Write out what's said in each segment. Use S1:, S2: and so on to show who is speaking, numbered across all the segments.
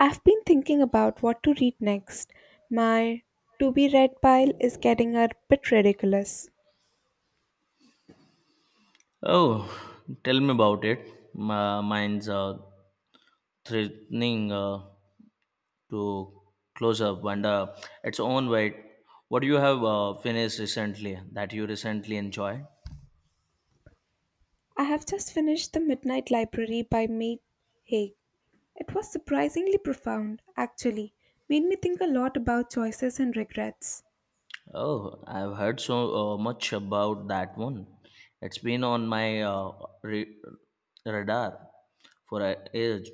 S1: I've been thinking about what to read next. My to be read pile is getting a bit ridiculous.
S2: Oh, tell me about it. My mind's threatening to close up and its own weight. What do you have finished recently that you recently enjoyed?
S1: I have just finished The Midnight Library by Matt Haig. It was surprisingly profound, actually. Made me think a lot about choices and regrets.
S2: Oh, I've heard so much about that one. It's been on my re- radar for a age.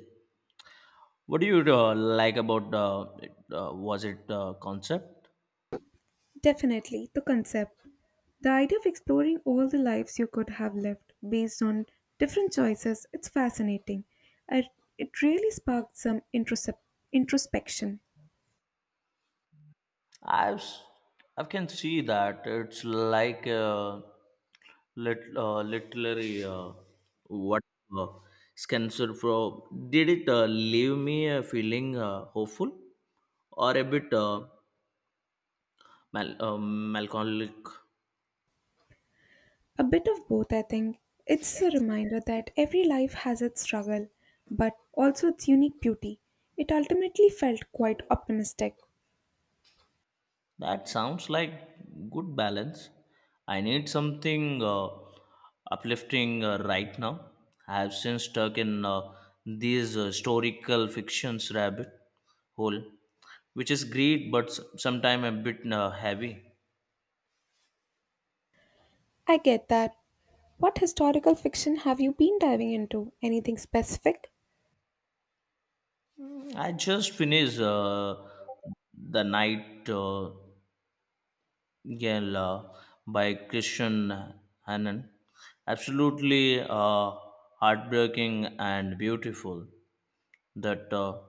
S2: What do you like about it? Was it concept?
S1: Definitely, the concept. The idea of exploring all the lives you could have lived based on different choices, it's fascinating. I, it really sparked some introspection.
S2: I've s- I can see that it's like a literary what uh, Spencer Pro did it leave me feeling hopeful or a bit melancholic?
S1: A bit of both, I think. It's a reminder that every life has its struggle, but also its unique beauty. It ultimately felt quite optimistic.
S2: That sounds like good balance. I need something uplifting right now. I have since stuck in these historical fictions rabbit hole, which is great but sometime a bit heavy.
S1: I get that. What historical fiction have you been diving into? Anything specific?
S2: I just finished The Night Gale by Christian Hannon. Absolutely heartbreaking and beautiful. That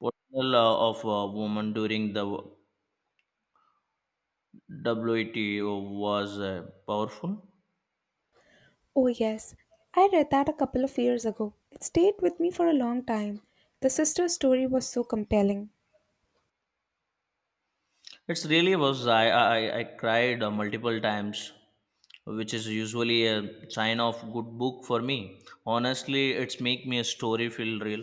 S2: portrayal of a woman during the WTO was powerful.
S1: Oh, yes. I read that a couple of years ago. It stayed with me for a long time. The sister story was so compelling.
S2: It really was. I cried multiple times, which is usually a sign of good book for me. Honestly, it's make me a story feel real.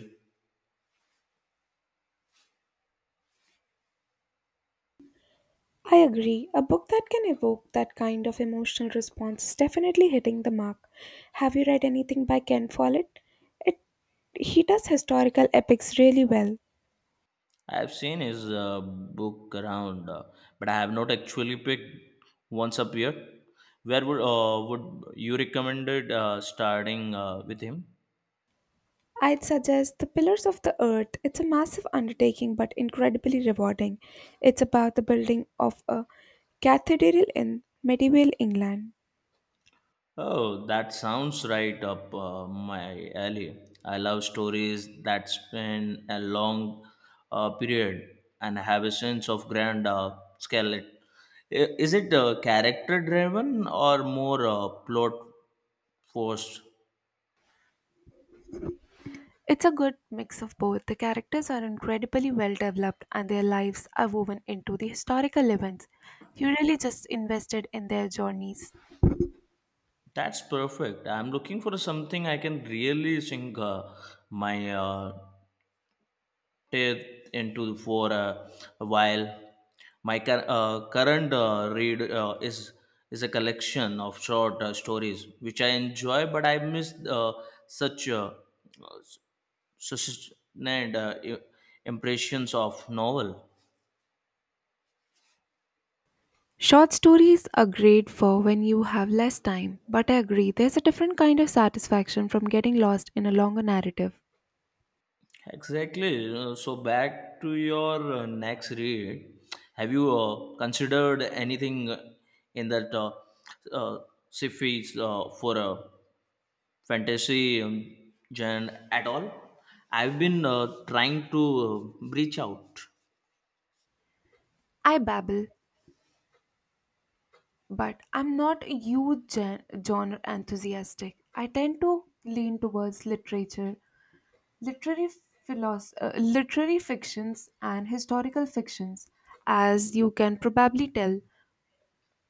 S1: I agree. A book that can evoke that kind of emotional response is definitely hitting the mark. Have you read anything by Ken Follett? It He does historical epics really well.
S2: I've seen his book around, but I have not actually picked once up yet. Where would you recommend it, starting with him?
S1: I'd suggest The Pillars of the Earth. It's a massive undertaking but incredibly rewarding. It's about the building of a cathedral in medieval England.
S2: Oh, that sounds right up my alley. I love stories that span a long period and have a sense of grand scale. Is it character driven or more plot forced?
S1: It's a good mix of both. The characters are incredibly well developed and their lives are woven into the historical events. You really just invested in their journeys.
S2: That's perfect. I'm looking for something I can really sink my it into for a while. My current read is a collection of short stories which I enjoy, but I miss such uh, sustained impressions of novel.
S1: Short stories are great for when you have less time, but I agree there's a different kind of satisfaction from getting lost in a longer narrative.
S2: Exactly. So back to your next read. Have you considered anything in that uh, sci-fi for a fantasy genre at all. I've been trying to reach out.
S1: I babble, but I'm not a huge genre enthusiastic. I tend to lean towards literature, literary literary fictions, and historical fictions. As you can probably tell,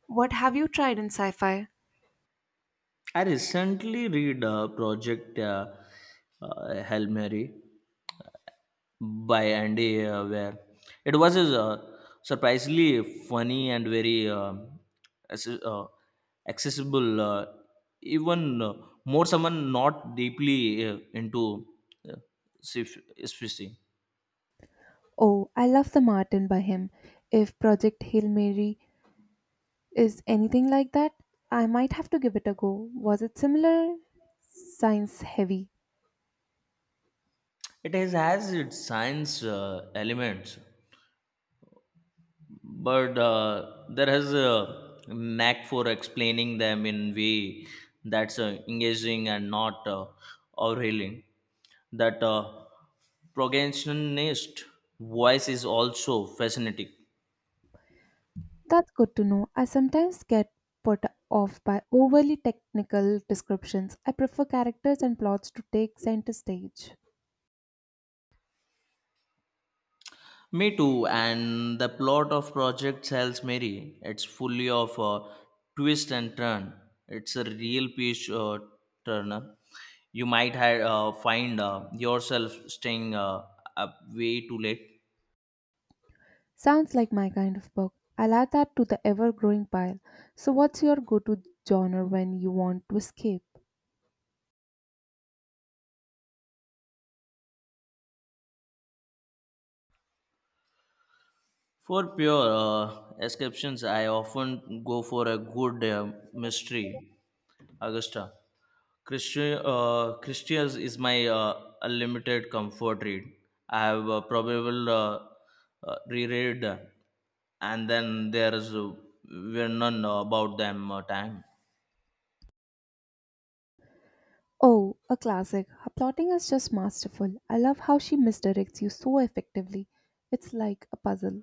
S1: what have you tried in sci-fi?
S2: I recently read Project Hail Mary uh, by Andy where it was surprisingly funny and very acce- uh, accessible, even more someone not deeply into uh, sci- sci-fi.
S1: Oh, I love The Martin by him. If Project Hail Mary is anything like that, I might have to give it a go. Was it similar? Science heavy.
S2: It has its science elements, but there has a knack for explaining them in way that's engaging and not overhauling. That protagonist voice is also fascinating.
S1: That's good to know. I sometimes get put off by overly technical descriptions. I prefer characters and plots to take center stage.
S2: Me too, and the plot of Project Sales Mary, it's fully of a twist and turn. It's a real page turner. You might find yourself staying up way too late.
S1: Sounds like my kind of book. I'll add that to the ever growing pile. So, what's your go to genre when you want to escape?
S2: For pure exceptions, I often go for a good mystery, Augusta. Christians is my unlimited comfort read. I have probable reread and then there's we're none about them time.
S1: Oh, a classic. Her plotting is just masterful. I love how she misdirects you so effectively. It's like a puzzle.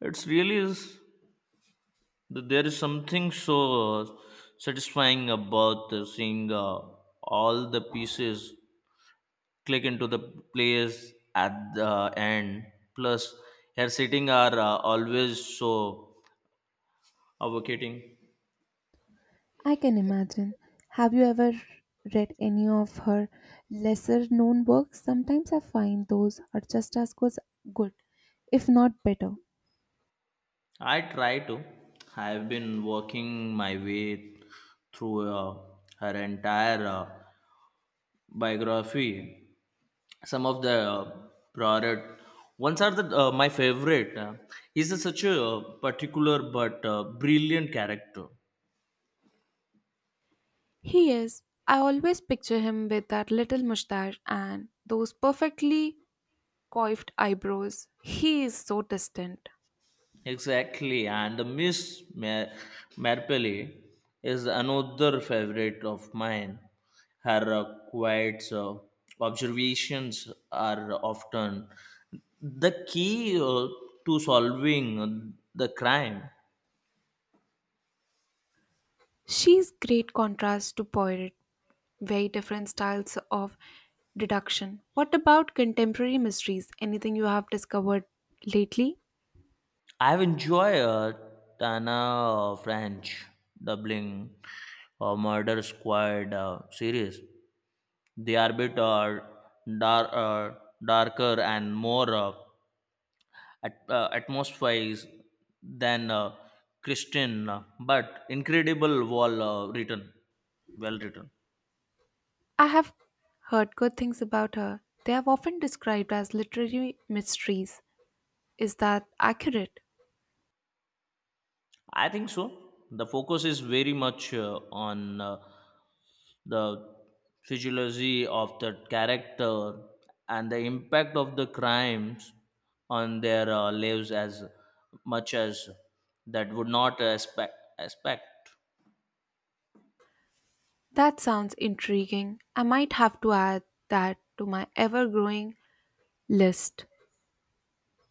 S2: It's really is that there is something so satisfying about seeing all the pieces click into the place at the end. Plus, hair sitting are always so advocating.
S1: I can imagine. Have you ever read any of her lesser known works? Sometimes I find those are just as good, if not better.
S2: I try to. I've been working my way through her entire biography some of the product ones are the my favorite he's a, such a particular but brilliant character
S1: He is. I always picture him with that little mustache and those perfectly coiffed eyebrows. He is so distant.
S2: exactly and the marple is another favorite of mine her quiet observations are often the key to solving the crime.
S1: She is great contrast to Poirot, very different styles of deduction. What about contemporary mysteries? Anything you have discovered lately?
S2: I've enjoyed Tana French doubling Murder Squad series. They are a bit dar- uh, darker and more atmospheric than Christian, but incredible wall well written.
S1: I have heard good things about her. They are often described as literary mysteries. Is that accurate?
S2: I think so. The focus is very much on the physiology of the character and the impact of the crimes on their lives as much as that would not aspect.
S1: That sounds intriguing. I might have to add that to my ever growing list.